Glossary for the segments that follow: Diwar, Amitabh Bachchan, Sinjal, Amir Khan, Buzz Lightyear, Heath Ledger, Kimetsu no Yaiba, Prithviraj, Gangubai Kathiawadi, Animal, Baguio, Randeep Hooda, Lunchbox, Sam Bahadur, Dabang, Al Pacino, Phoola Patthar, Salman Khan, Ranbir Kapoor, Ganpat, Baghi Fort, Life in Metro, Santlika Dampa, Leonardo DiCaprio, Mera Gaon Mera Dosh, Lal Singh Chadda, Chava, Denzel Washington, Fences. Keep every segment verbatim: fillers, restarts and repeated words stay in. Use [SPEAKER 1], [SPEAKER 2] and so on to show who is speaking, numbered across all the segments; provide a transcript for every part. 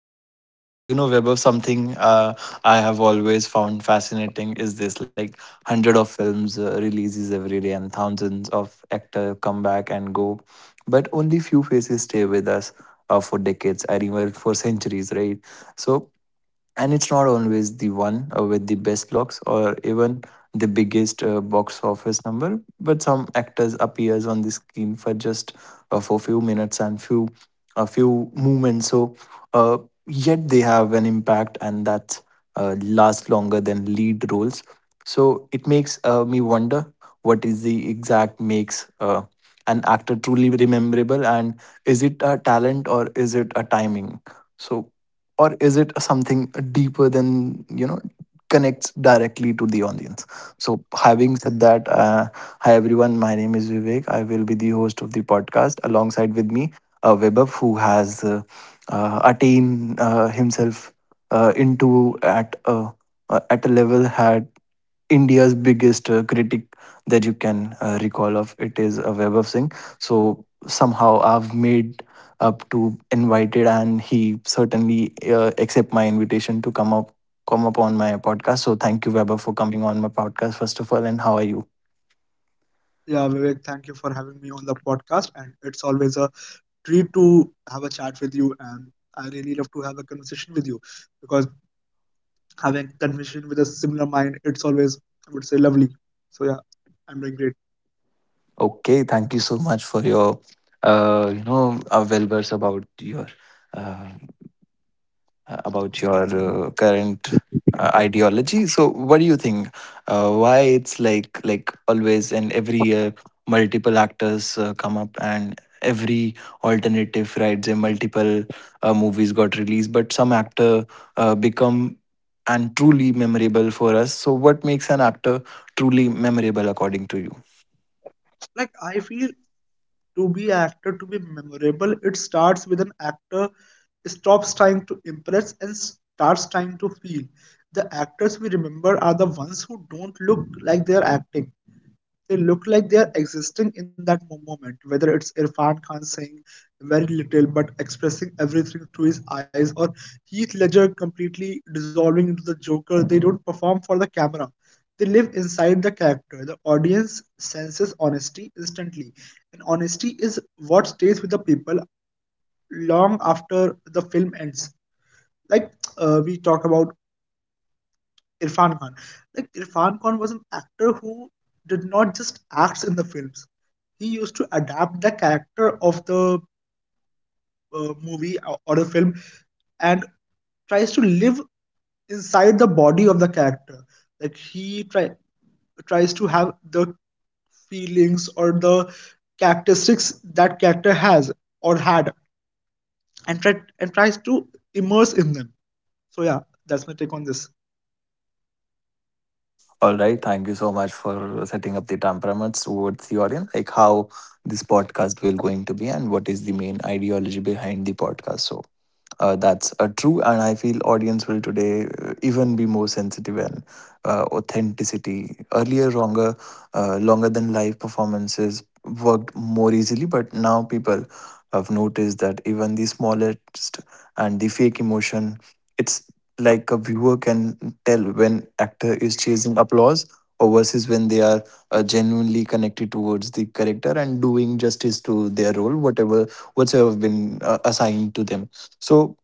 [SPEAKER 1] podcast. And you know, Web of something uh, I have always found fascinating is this like hundred of films uh, releases every day and thousands of actor come back and go, but only few faces stay with us uh, for decades, I even for centuries, right? So and it's not always the one uh, with the best looks or even the biggest uh, box office number but some actors appears on the screen for just uh, for few minutes and few a few moments so uh, yet they have an impact and that uh, lasts longer than lead roles so it makes uh, me wonder what is the exact makes uh, an actor truly rememberable and is it a talent or is it a timing so or is it something deeper than you know connects directly to the audience so having said that uh, hi everyone, my name is Vivek. I will be the host of the podcast. Alongside with me, uh, Webab, who has uh, uh, attained uh, himself uh, into at a uh, at a level had India's biggest uh, critic that you can uh, recall of it is uh, Web Singh. So somehow I've made up to invited, and he certainly uh, accept my invitation to come up come up on my podcast. So thank you, Weber, for coming on my podcast first of all. And how are you?
[SPEAKER 2] Yeah, Vivek, thank you for having me on the podcast. And it's always a treat to have a chat with you. And I really love to have a conversation with you because having conversation with a similar mind, it's always, I would say, lovely. So yeah, I'm doing great.
[SPEAKER 1] Okay, thank you so much for your uh, you know uh, well words about your. Uh, uh, about your uh, current uh, ideology. So, what do you think? Uh, why it's like like always and every year multiple actors uh, come up and every alternative right, say multiple uh, movies got released, but some actor uh, become and truly memorable for us. So, what makes an actor truly memorable according to you?
[SPEAKER 2] Like I feel to be actor, to be memorable, it starts with an actor stops trying to impress and starts trying to feel. The actors we remember are the ones who don't look like they are acting. They look like they are existing in that moment, whether it's Irfan Khan saying very little but expressing everything through his eyes, or Heath Ledger completely dissolving into the Joker. They don't perform for the camera, they live inside the character. The audience senses honesty instantly, and honesty is what stays with the people long after the film ends. Like, uh, we talk about Irfan Khan. Like Irfan Khan was an actor who did not just act in the films. He used to adapt the character of the uh, movie or or the film, and tries to live inside the body of the character. Like he try, tries to have the feelings or the characteristics that character has or had, and try, and tries to immerse in them. So yeah, that's my take on this.
[SPEAKER 1] All right. Thank you so much for setting up the temperaments towards the audience, like how this podcast will going to be and what is the main ideology behind the podcast. So uh, that's uh, true. And I feel audience will today uh, even be more sensitive and uh, authenticity. Earlier, longer, uh, longer than live performances worked more easily, but now people have noticed that even the smallest and the fake emotion, it's like a viewer can tell when actor is chasing applause or versus when they are uh, genuinely connected towards the character and doing justice to their role whatever whatsoever been uh, assigned to them so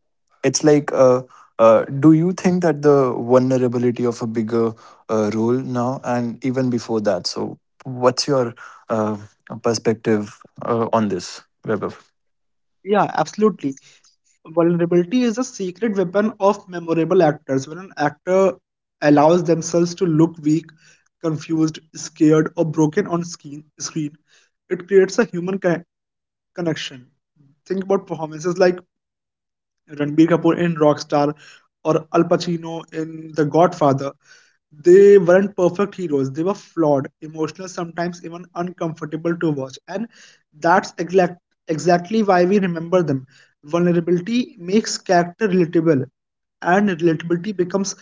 [SPEAKER 1] it's like uh, uh, do you think that the vulnerability of a bigger uh, role now and even before that so what's your uh, perspective uh, on this, Weber?
[SPEAKER 2] Yeah, absolutely. Vulnerability is a secret weapon of memorable actors. When an actor allows themselves to look weak, confused, scared, or broken on screen, screen, it creates a human con- connection. Think about performances like Ranbir Kapoor in Rockstar or Al Pacino in The Godfather. They weren't perfect heroes. They were flawed, emotional, sometimes even uncomfortable to watch. And that's exact, exactly why we remember them. Vulnerability makes character relatable, and relatability becomes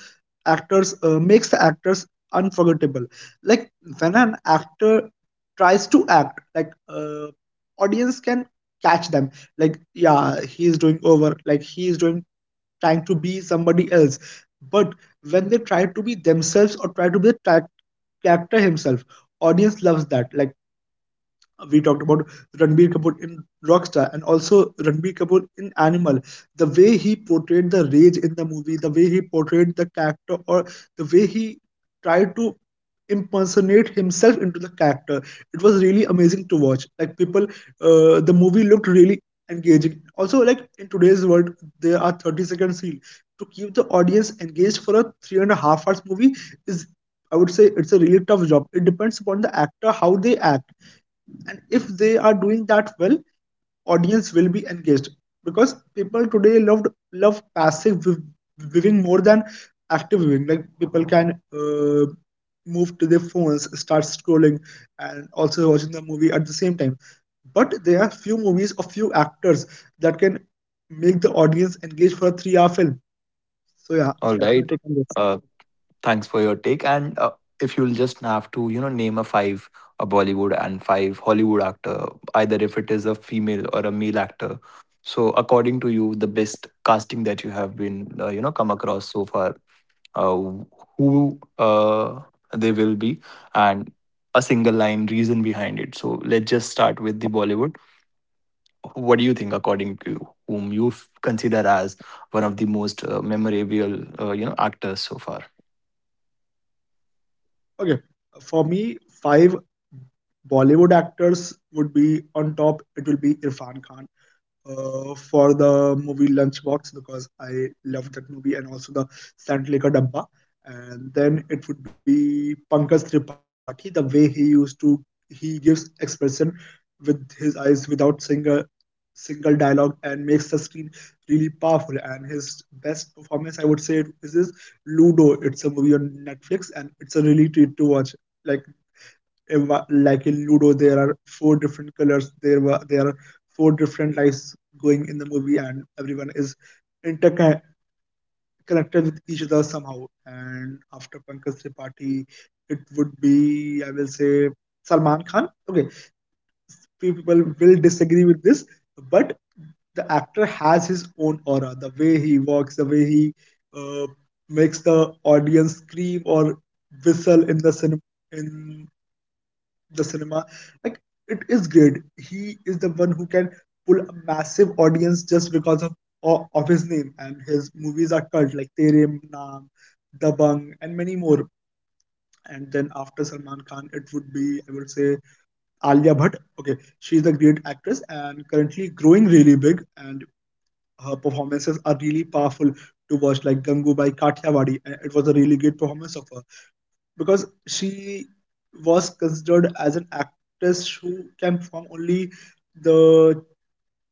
[SPEAKER 2] actors uh, makes the actors unforgettable. Like when an actor tries to act, like uh, audience can catch them. Like yeah, he is doing over. Like he is doing trying to be somebody else, but when they try to be themselves or try to be the ty- character himself, audience loves that. Like we talked about Ranbir Kapoor in Rockstar, and also Ranbir Kapoor in Animal. The way he portrayed the rage in the movie, the way he portrayed the character, or the way he tried to impersonate himself into the character, it was really amazing to watch. Like people, uh, the movie looked really engaging. Also, like in today's world, there are thirty second reel. To keep the audience engaged for a three and a half hours movie is, I would say, it's a really tough job. It depends upon the actor how they act, and if they are doing that well, audience will be engaged, because people today loved love passive viewing more than active viewing. Like people can uh, move to their phones, start scrolling, and also watching the movie at the same time, but there are few movies or few actors that can make the audience engage for a three-hour film. So yeah,
[SPEAKER 1] All
[SPEAKER 2] that's my
[SPEAKER 1] right.
[SPEAKER 2] take on this.
[SPEAKER 1] Thanks for your take. And uh, if you'll just have to, you know, name a five a Bollywood and five Hollywood actor, either if it is a female or a male actor. So, according to you, the best casting that you have been, uh, you know, come across so far, uh, who uh, they will be, and a single line reason behind it. So, let's just start with the Bollywood. What do you think, according to you, whom you f- consider as one of the most uh, memorable, uh, you know, actors so far?
[SPEAKER 2] Okay, for me, five Bollywood actors would be, on top it will be Irfan Khan, uh, for the movie Lunchbox, because I loved that movie, and also the Santlika Dampa. And then it would be Pankaj Tripathi, the way he used to, he gives expression with his eyes without single single dialogue and makes the screen really powerful. And his best performance, I would say, is his Ludo. It's a movie on Netflix, and it's a really treat to watch. Like eh, like in Ludo, there are four different colors. There were there are four different lights going in the movie, and everyone is interconnected with each other somehow. And after Pankaj Tripathi, it would be, I will say, Salman Khan. Okay, few people will disagree with this, but the actor has his own aura. The way he walks, the way he uh, makes the audience scream or whistle in the cinema in the cinema. Like it is great. He is the one who can pull a massive audience just because of o- of his name, and his movies are cult, like Tere Naam, Dabang, and many more. And then after Salman Khan, it would be, I would say, Alia Bhatt. Okay, she's a great actress and currently growing really big. And her performances are really powerful to watch, like Gangubai Kathiawadi. And it was a really great performance of her, because she was considered as an actress who can perform only the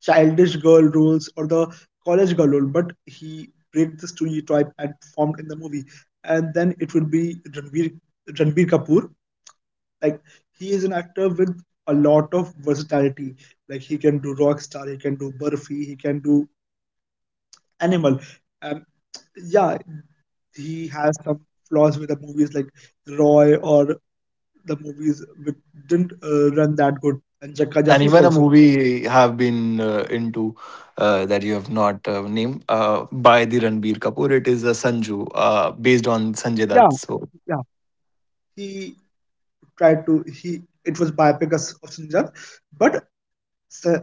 [SPEAKER 2] childish girl roles or the college girl role, but he break the stereotype and performed in the movie. And then it would be Ranbir, Ranbir Kapoor. Like he is an actor with a lot of versatility. Like he can do rock star, he can do Burfi, he can do Animal. Um, yeah, he has some flaws with the movies like Roy, or the movies which didn't uh, run that good, and Jakka
[SPEAKER 1] And
[SPEAKER 2] Jasus
[SPEAKER 1] even a
[SPEAKER 2] also.
[SPEAKER 1] movie have been uh, into uh, that you have not uh, named uh, by the Ranbir Kapoor. It is a Sanju, uh, based on Sanjay
[SPEAKER 2] Yeah,
[SPEAKER 1] Dutt. So
[SPEAKER 2] yeah, He tried to he it was biopic of Sinjal, but Sa-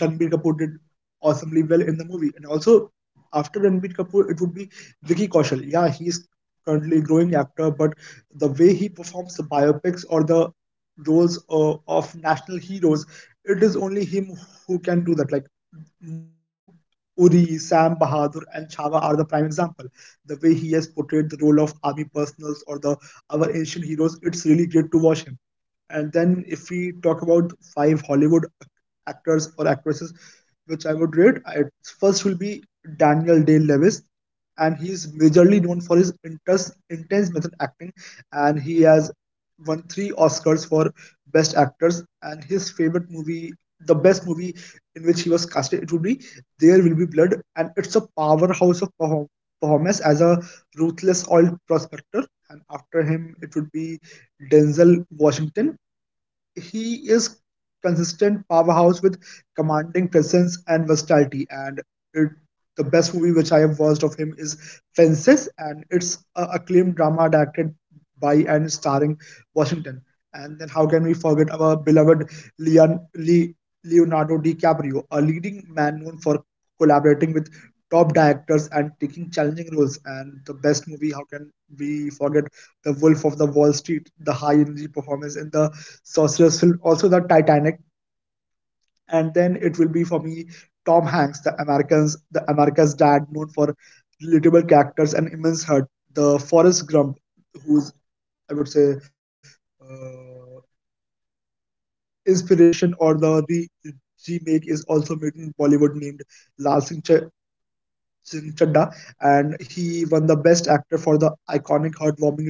[SPEAKER 2] Ranbir Kapoor did awesomely well in the movie. And also, after Ranbir Kapoor, it would be Vicky Kaushal. Yeah, he's currently a growing actor, but the way he performs the biopics or the roles uh, of national heroes, it is only him who can do that. Like m- Uri, Sam Bahadur, and Chava are the prime example. The way he has portrayed the role of army personals or the our ancient heroes, it's really great to watch him. And then if we talk about five Hollywood actors or actresses which I would rate. I, first will be Daniel Day Lewis, and he is majorly known for his intense, intense method acting, and he has won three Oscars for Best Actors. And his favorite movie, the best movie in which he was casted, it would be There Will Be Blood, and it's a powerhouse of perform- performance as a ruthless oil prospector. And after him, it would be Denzel Washington. He is consistent powerhouse with commanding presence and versatility. And it, the best movie which I have watched of him is Fences, and it's a acclaimed drama directed by and starring Washington. And then how can we forget our beloved Leon, Le, Leonardo DiCaprio, a leading man known for collaborating with top directors and taking challenging roles. And the best movie, how can we forget the Wolf of the Wall Street, the high energy performance in the sorcerers film, also the Titanic. And then it will be for me Tom Hanks, the Americans, the America's dad, known for relatable characters and immense heart. The Forrest Gump, whose I would say uh, inspiration or the re- remake is also made in Bollywood, named Lal Singh Ch- Singh Chadda, and he won the Best Actor for the iconic heartwarming role.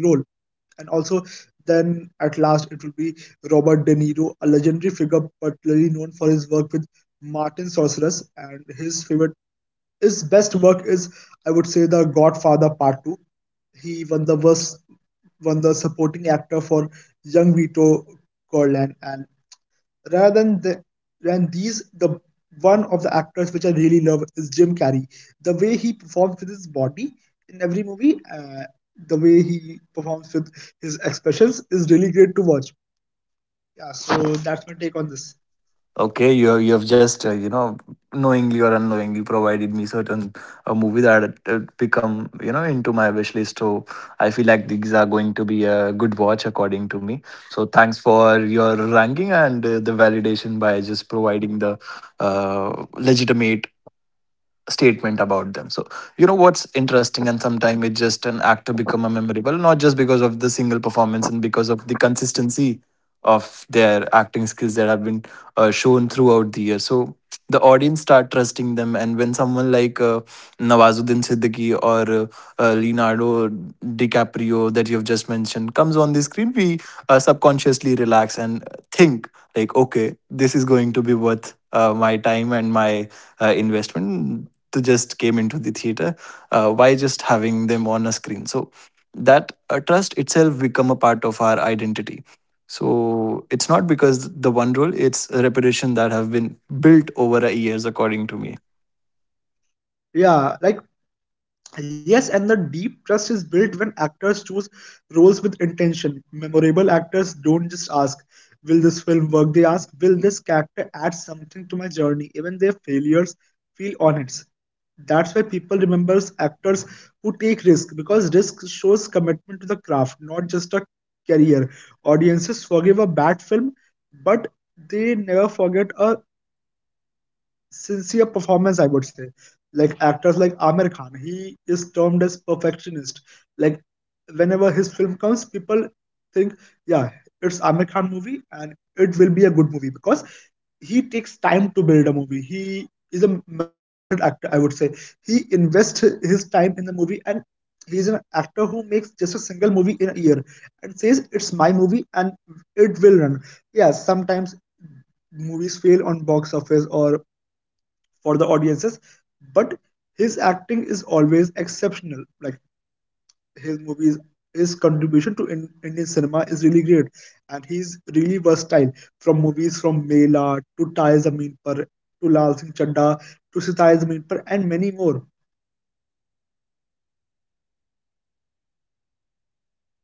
[SPEAKER 2] And also, then at last, it will be Robert De Niro, a legendary figure particularly known for his work with Martin Scorsese. And his favorite, his best work is, I would say, The Godfather Part two. He won the worst, won the supporting actor for Young Vito Corleone. And rather than the, than these, the one of the actors which I really love is Jim Carrey. The way he performs with his body in every movie, uh, the way he performs with his expressions, is really great to watch. Yeah, so that's my take on this.
[SPEAKER 1] okay, you have, you have just uh, you know knowingly or unknowingly provided me certain a movie that uh, become you know into my wish list. So I feel like these are going to be a good watch according to me. So thanks for your ranking and uh, the validation by just providing the uh, legitimate statement about them so you know what's interesting and sometimes it's just an actor become a memorable not just because of the single performance and because of the consistency of their acting skills that have been uh, shown throughout the year so the audience start trusting them and when someone like uh, Nawazuddin Siddiqui or uh, uh, Leonardo DiCaprio that you've just mentioned comes on the screen we uh, subconsciously relax and think like okay this is going to be worth uh, my time and my uh, investment to just came into the theater uh, why just having them on a screen so that uh, trust itself become a part of our identity so it's not because the one role; it's a reputation that have been built over a years according to me.
[SPEAKER 2] Yeah, like yes, and the deep trust is built when actors choose roles with intention. Memorable actors don't just ask, will this film work? They ask, will this character add something to my journey? Even their failures feel honest. That's why people remember actors who take risk, because risk shows commitment to the craft, not just a career. Audiences forgive a bad film, but they never forget a sincere performance, I would say. Like actors like Amir Khan, he is termed as perfectionist. Like whenever his film comes, people think, yeah, it's Amir Khan movie, and it will be a good movie because he takes time to build a movie. He is a method actor, I would say. He invests his time in the movie, and he's an actor who makes just a single movie in a year and says it's my movie and it will run. Yeah, sometimes movies fail on box office or for the audiences, but his acting is always exceptional. Like his movies, his contribution to in, Indian cinema is really great, and he's really versatile, from movies from Mela to Tai Zameen Par to Lal Singh Chadda to Sitai Zameen Par, and many more.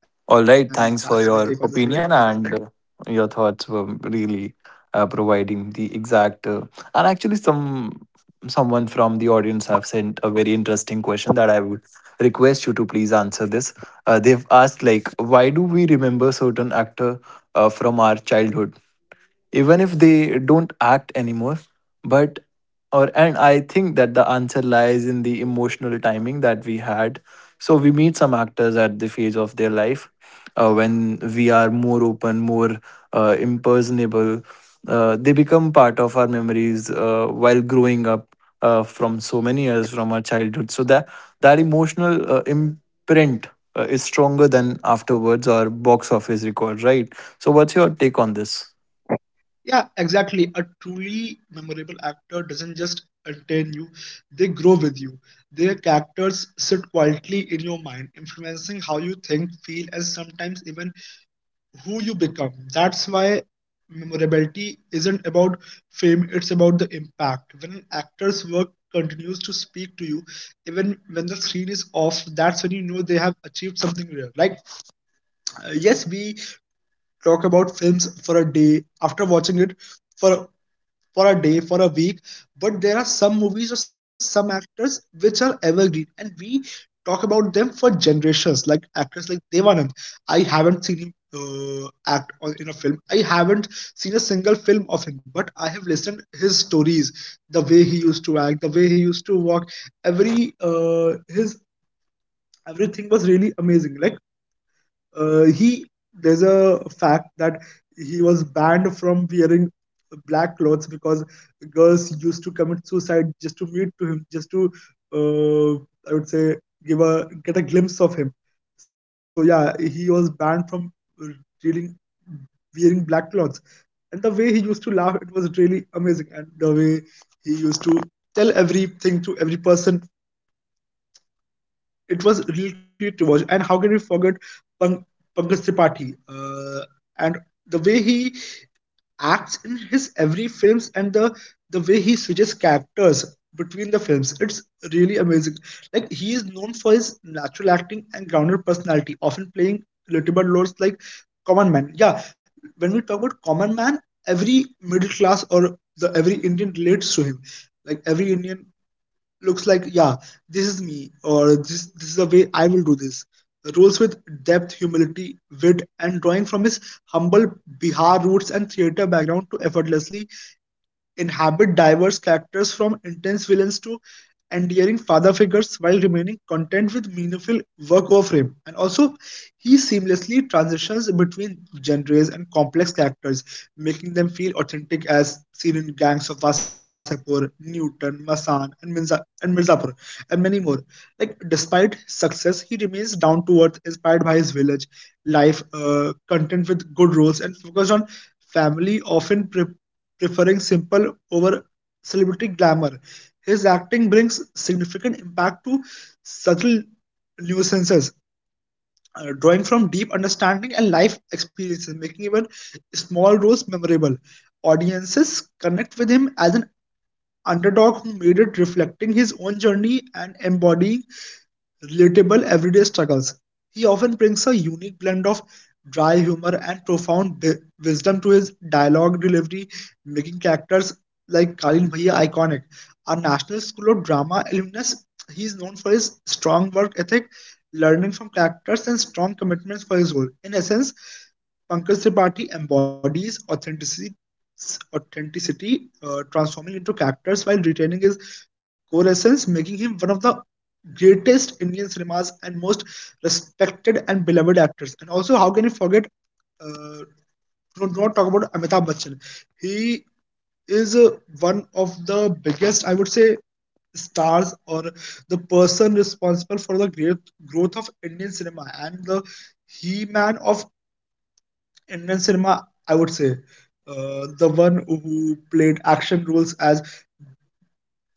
[SPEAKER 2] And
[SPEAKER 1] All right,
[SPEAKER 2] that's my
[SPEAKER 1] thanks
[SPEAKER 2] take on
[SPEAKER 1] for
[SPEAKER 2] this, Vivek.
[SPEAKER 1] your opinion and uh, your thoughts were really uh, providing the exact uh, and actually some someone from the audience have sent a very interesting question that I would request you to please answer this. Uh, they've asked like why do we remember certain actor uh, from our childhood even if they don't act anymore but or and I think that the answer lies in the emotional timing that we had so we meet some actors at the phase of their life uh, when we are more open more uh, impersonable uh, they become part of our memories uh, while growing up uh, from so many years from our childhood so that that emotional uh, imprint uh, is stronger than afterwards or box office record right so what's your take on this?
[SPEAKER 2] Yeah, exactly. A truly memorable actor doesn't just entertain you, they grow with you. Their characters sit quietly in your mind, influencing how you think, feel, and sometimes even who you become. That's why memorability isn't about fame, it's about the impact. When an actor's work continues to speak to you, even when the screen is off, that's when you know they have achieved something real. Like, uh, yes, we talk about films for a day after watching it for for a day, for a week. But there are some movies or some actors which are evergreen, and we talk about them for generations. Like actors like Devanand, I haven't seen him uh, act on, in a film. I haven't seen a single film of him, but I have listened his stories, the way he used to act, the way he used to walk. Every uh, his everything was really amazing. Like uh, he There's a fact that he was banned from wearing black clothes because girls used to commit suicide just to meet to him, just to uh, I would say give a get a glimpse of him. So yeah, he was banned from reading wearing black clothes. And the way he used to laugh, it was really amazing, and the way he used to tell everything to every person, it was really great to watch. And how can we forget Pang- Pankaj Tripathi? Uh, and the way he acts in his every films, and the the way he switches characters between the films, it's really amazing. Like he is known for his natural acting and grounded personality, often playing little bit roles like common man. Yeah, when we talk about common man, every middle class or the every Indian relates to him. Like every Indian looks like, yeah, this is me, or this this is the way I will do this rolls with depth, humility, wit, and drawing from his humble Bihar roots and theater background to effortlessly inhabit diverse characters from intense villains to endearing father figures while remaining content with meaningful work of him. And also, he seamlessly transitions between genres and complex characters, making them feel authentic as seen in Gangs of Wasapur, Newton, Masan, and, Mirza- and Mirzapur, and many more. Like, despite success, he remains down to earth, inspired by his village life, uh, content with good roles, and focused on family, often pre- preferring simple over celebrity glamour. His acting brings significant impact to subtle nuisances, uh, drawing from deep understanding and life experiences, making even small roles memorable. Audiences connect with him as an underdog who made it, reflecting his own journey and embodying relatable everyday struggles. He often brings a unique blend of dry humor and profound di- wisdom to his dialogue delivery, making characters like Kalin Bhaiya iconic. A National School of Drama alumnus, he is known for his strong work ethic, learning from characters, and strong commitments for his role. In essence, Pankaj Tripathi embodies authenticity, authenticity uh, transforming into characters while retaining his core essence, making him one of the greatest Indian cinemas and most respected and beloved actors. And also, how can you forget? Uh, don't, Talk about Amitabh Bachchan. He is uh, one of the biggest, I would say, stars, or the person responsible for the great growth of Indian cinema and the he man of Indian cinema. I would say uh, the one who played action roles as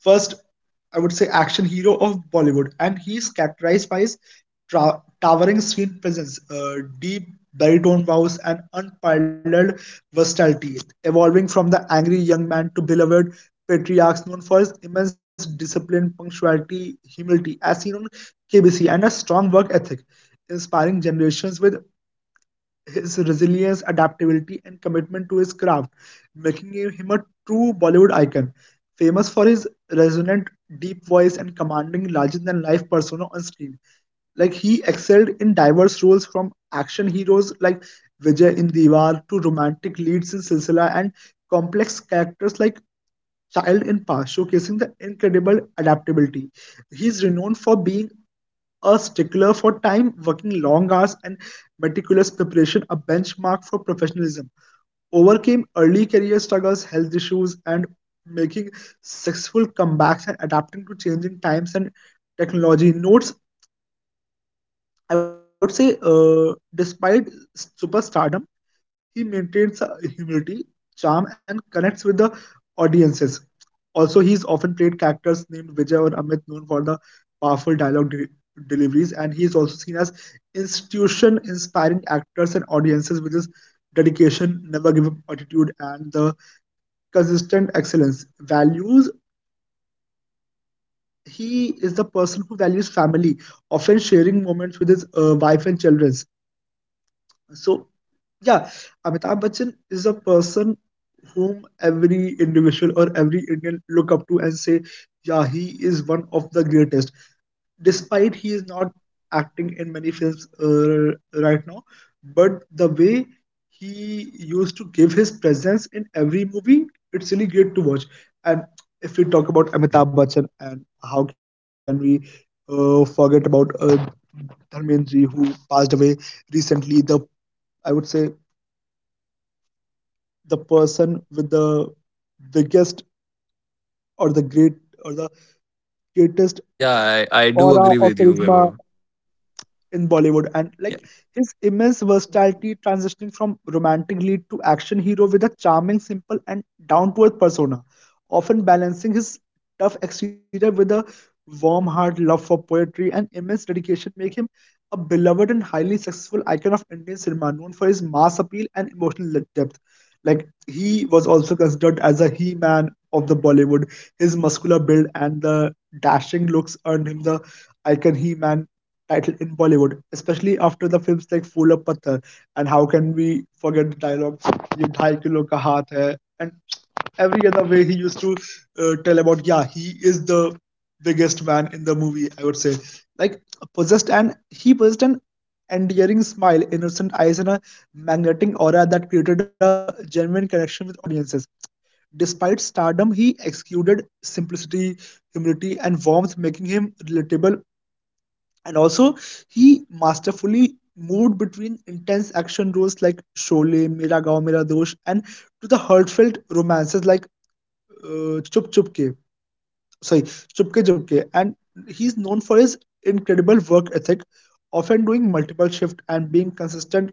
[SPEAKER 2] first, I would say, action hero of Bollywood, and he is characterized by his tra- towering screen presence, uh, deep baritone voice, and unparalleled versatility, evolving from the angry young man to beloved patriarchs, known for his immense discipline, punctuality, humility, as seen on K B C, and a strong work ethic, inspiring generations with his resilience, adaptability, and commitment to his craft, making him a true Bollywood icon. Famous for his resonant, deep voice and commanding larger-than-life persona on screen, like he excelled in diverse roles from action heroes like Vijay in Diwar to romantic leads in Silsila and complex characters like child in past, showcasing the incredible adaptability. He is renowned for being a stickler for time, working long hours, and meticulous preparation, a benchmark for professionalism. Overcame early career struggles, health issues, and making successful comebacks and adapting to changing times and technology. Notes, I would say, uh, despite superstardom, he maintains uh, humility, charm, and connects with the audiences. Also, he's often played characters named Vijay or Amit, known for the powerful dialogue de- deliveries, and he's also seen as institution inspiring actors and audiences with his dedication, never give up attitude, and the consistent excellence. Values, he is the person who values family, often sharing moments with his uh, wife and children. So yeah, Amitabh Bachchan is a person whom every individual or every Indian look up to and say, yeah, he is one of the greatest. Despite he is not acting in many films uh, right now, but the way he used to give his presence in every movie, it's really great to watch. And if we talk about Amitabh Bachchan, and how can we uh, forget about uh, Dharmenji, who passed away recently, the, I would say, the person with the biggest, or the great, or the greatest
[SPEAKER 1] Yeah, I, I do agree with you, Weber.
[SPEAKER 2] in Bollywood, and like his immense versatility, transitioning from romantic lead to action hero with a charming, simple, and down to earth persona, often balancing his tough exterior with a warm heart, love for poetry, and immense dedication, make him a beloved and highly successful icon of Indian cinema, known for his mass appeal and emotional depth. Like he was also considered as a he-man of the Bollywood. His muscular build and the dashing looks earned him the icon he man title in Bollywood, especially after the films like Phoola Patthar. And how can we forget the dialogue, "Ye dhai kilo ka haath hai," and every other way he used to uh, tell about, yeah, he is the biggest man in the movie. I would say, like possessed, and he possessed an endearing smile, innocent eyes, and a magnetic aura that created a genuine connection with audiences. Despite stardom, he exuded simplicity, humility, and warmth, making him relatable. And also, he masterfully moved between intense action roles like Sholay, Mera Gaon Mera Dosh, and to the heartfelt romances like uh, Chup Chup Ke. Sorry, Chupke Chupke. And he's known for his incredible work ethic, often doing multiple shifts and being consistent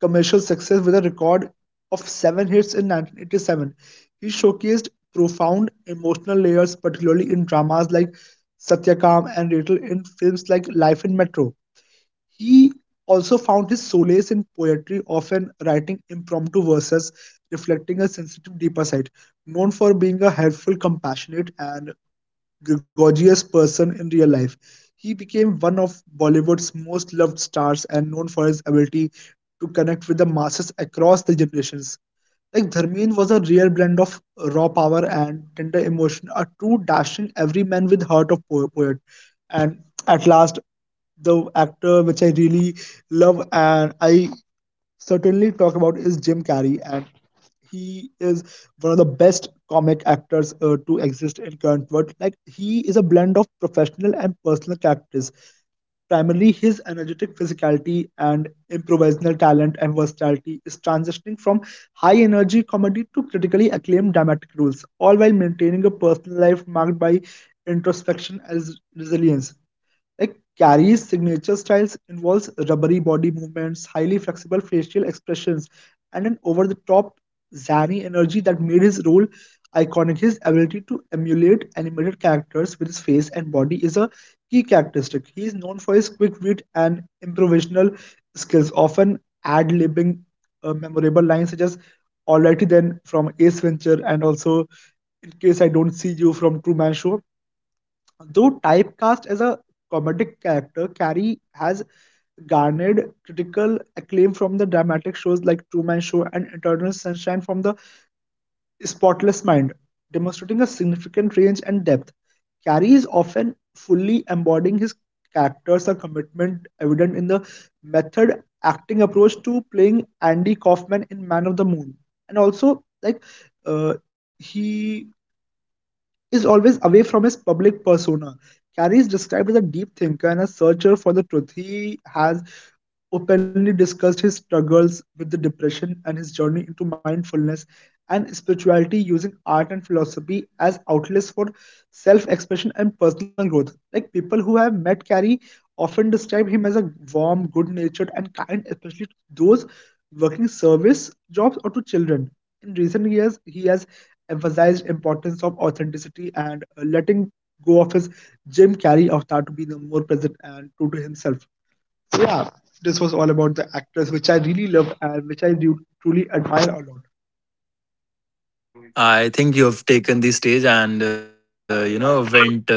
[SPEAKER 2] commercial success with a record of seven hits in nineteen eighty-seven. He showcased profound emotional layers, particularly in dramas like Satyakam and Rattle in films like Life in Metro. He also found his solace in poetry, often writing impromptu verses reflecting a sensitive deeper side. Known for being a helpful, compassionate, and gregarious person in real life, he became one of Bollywood's most loved stars and known for his ability to connect with the masses across the generations. Like Dharmen was a rare blend of raw power and tender emotion, a true dashing everyman with heart of po- poet. And at last, the actor which I really love and I certainly talk about is Jim Carrey, and he is one of the best comic actors uh, to exist in current world. Like he is a blend of professional and personal characters. Primarily, his energetic physicality and improvisational talent and versatility is transitioning from high energy comedy to critically acclaimed dramatic roles, all while maintaining a personal life marked by introspection as resilience. Like Carrie's signature styles involves rubbery body movements, highly flexible facial expressions, and an over-the-top zany energy that made his role iconic. His ability to emulate animated characters with his face and body is a key characteristic. He is known for his quick wit and improvisational skills, often ad-libbing uh, memorable lines such as "Alrighty then" from Ace Venture, and also "In case I don't see you" from Truman Show. Though typecast as a comedic character, Carey has garnered critical acclaim from the dramatic shows like Truman Show and Eternal Sunshine from the Spotless Mind, demonstrating a significant range and depth. Carey is often fully embodying his characters, a commitment evident in the method acting approach to playing Andy Kaufman in Man of the Moon. And also, like, uh, he is always away from his public persona. Carey is described as a deep thinker and a searcher for the truth. He has openly discussed his struggles with the depression and his journey into mindfulness and spirituality, using art and philosophy as outlets for self expression and personal growth. Like people who have met Carey often describe him as a warm, good natured, and kind, especially to those working service jobs or to children. In recent years, he has emphasized importance of authenticity, and uh, letting go of his Jim Carrey avatar to be the more present and true to himself. So yeah, this was all about the actress, which I really loved and which I do truly admire a lot.
[SPEAKER 1] I think you've taken the stage and uh, you know went uh,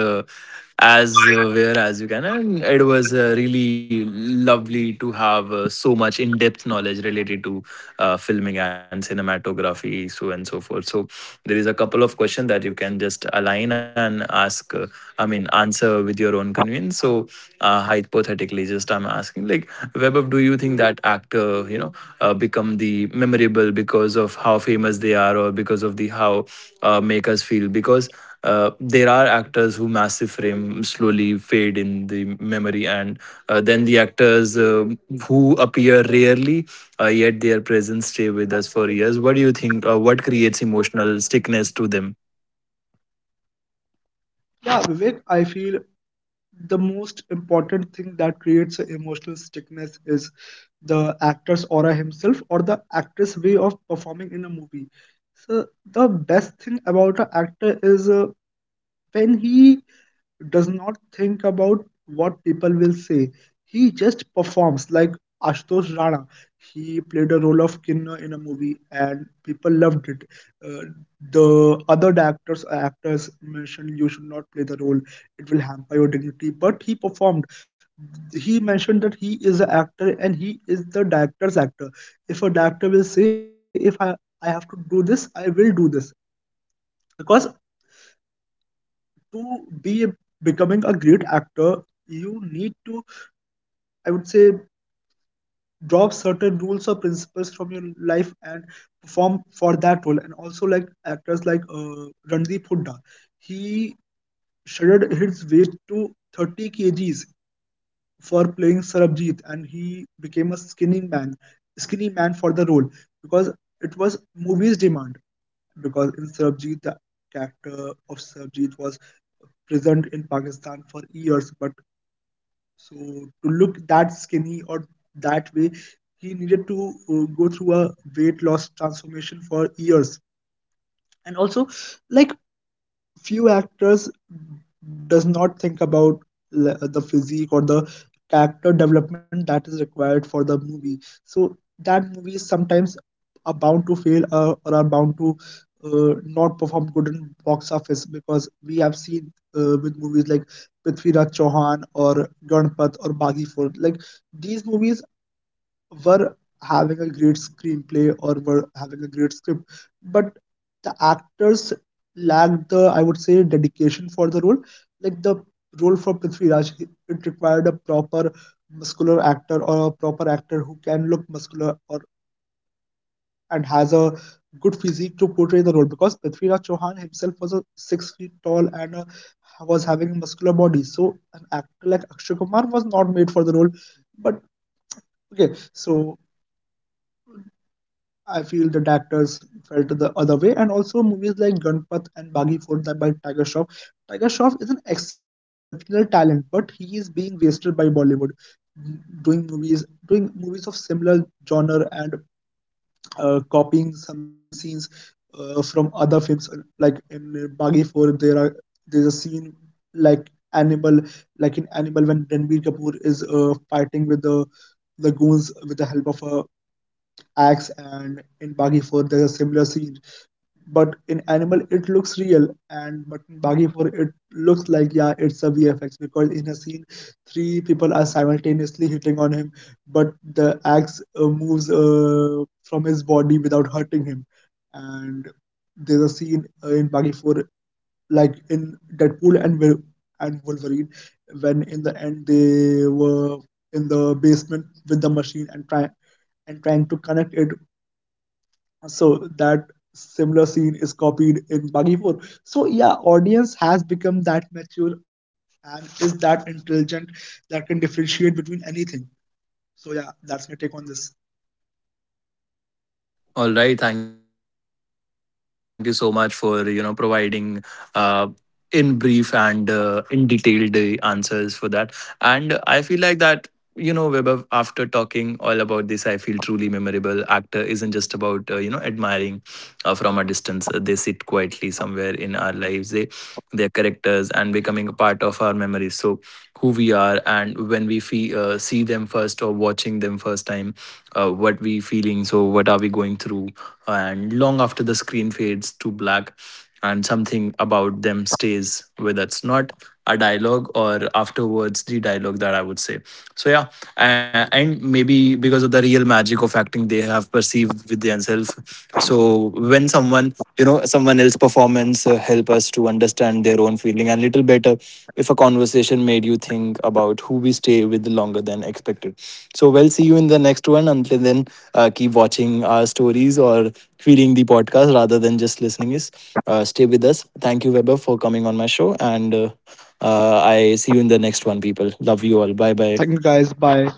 [SPEAKER 1] as uh, where as you can, and it was uh, really lovely to have uh, so much in-depth knowledge related to uh, filming and cinematography, so and so forth. So there is a couple of questions that you can just align and ask. Uh, I mean, answer with your own convenience. So uh, hypothetically, just I'm asking, like, Webab, do you think that actor, you know, uh, become the memorable because of how famous they are, or because of the how uh, make us feel because uh, there are actors who massive frame slowly fade in the memory and uh, then the actors uh, who appear rarely uh, yet their presence stay with us for years, what do you think uh, what creates emotional stickiness to them?
[SPEAKER 2] Yeah, Vivek, I feel the most important thing that creates a emotional stickness is the actor's aura himself or the actress' way of performing in a movie. So the best thing about an actor is uh, when he does not think about what people will say. He just performs like Ashutosh Rana. He played a role of Kinna in a movie and people loved it. Uh, the other actors actors mentioned you should not play the role. It will hamper your dignity. But he performed. He mentioned that he is an actor and he is the director's actor. If a director will say, if I, I have to do this, I will do this. Because to be becoming a great actor, you need to, I would say, drop certain rules or principles from your life and perform for that role. And also, like actors like uh, Randeep Hooda, he shredded his weight to thirty kgs for playing Sarabjit, and he became a skinny man, skinny man for the role, because it was movies demand. Because in Sarabjit, the character of Sarabjit was present in Pakistan for years, but so to look that skinny or that way, he needed to uh, go through a weight loss transformation for years. And also, like few actors does not think about le- the physique or the character development that is required for the movie, so that movies sometimes are bound to fail uh, or are bound to uh, not perform good in box office, because we have seen uh, with movies like Prithviraj Chauhan or Ganpat or Baghi Fort, like these movies were having a great screenplay or were having a great script, but the actors lacked the, I would say, dedication for the role. Like the role for Prithvi Raj, it required a proper muscular actor or a proper actor who can look muscular or and has a good physique to portray the role, because Prithvi Raj Chauhan himself was a six feet tall, and a, was having a muscular body. So an actor like Akshay Kumar was not made for the role. But okay, so I feel the directors felt the other way, and also movies like Gunpath and Baghi Fort that by Tiger Shroff. Tiger Shroff is an exceptional talent, but he is being wasted by Bollywood, m- doing movies, doing movies of similar genre, and uh, copying some scenes uh, from other films. Like in uh, Baghi Fort, there are there's a scene like Animal, like in Animal when Ranbir Kapoor is uh, fighting with the the goons with the help of a axe, and in Bagi four there's a similar scene. But in Animal it looks real, and but in Bagi four it looks like, yeah, it's a V F X, because in a scene three people are simultaneously hitting on him, but the axe uh, moves uh, from his body without hurting him. And there's a scene uh, in Bagi four, like in Deadpool and Wil- and Wolverine, when in the end they were in the basement with the machine, and try and trying to connect it, so that similar scene is copied in Bagi four. So yeah, audience has become that mature and is that intelligent that can differentiate between anything. So yeah, that's my take on this.
[SPEAKER 1] All right. Thank you so much for you know providing uh, in brief and uh, in detailed uh, answers for that. And I feel like that you know, Webber, after talking all about this, I feel truly memorable. Actor isn't just about uh, you know admiring uh, from a distance. Uh, They sit quietly somewhere in our lives. They their characters and becoming a part of our memories. So who we are and when we fee, uh, see them first or watching them first time uh, what we feeling so what are we going through and long after the screen fades to black and something about them stays with us not a dialogue or afterwards the dialogue that I would say so yeah uh, and maybe because of the real magic of acting they have perceived with themselves so when someone you know someone else performance uh, help us to understand their in their own feeling and little better if a conversation made you think about who we stay with longer than expected. So we'll see you in the next one. Until then, uh, keep watching our stories or feeding the podcast rather than just listening is uh, stay with us. Thank you, Weber, for coming on my show. And uh, uh, I see you in the next one, people. Love you all. Bye bye.
[SPEAKER 2] Thank you guys. Bye.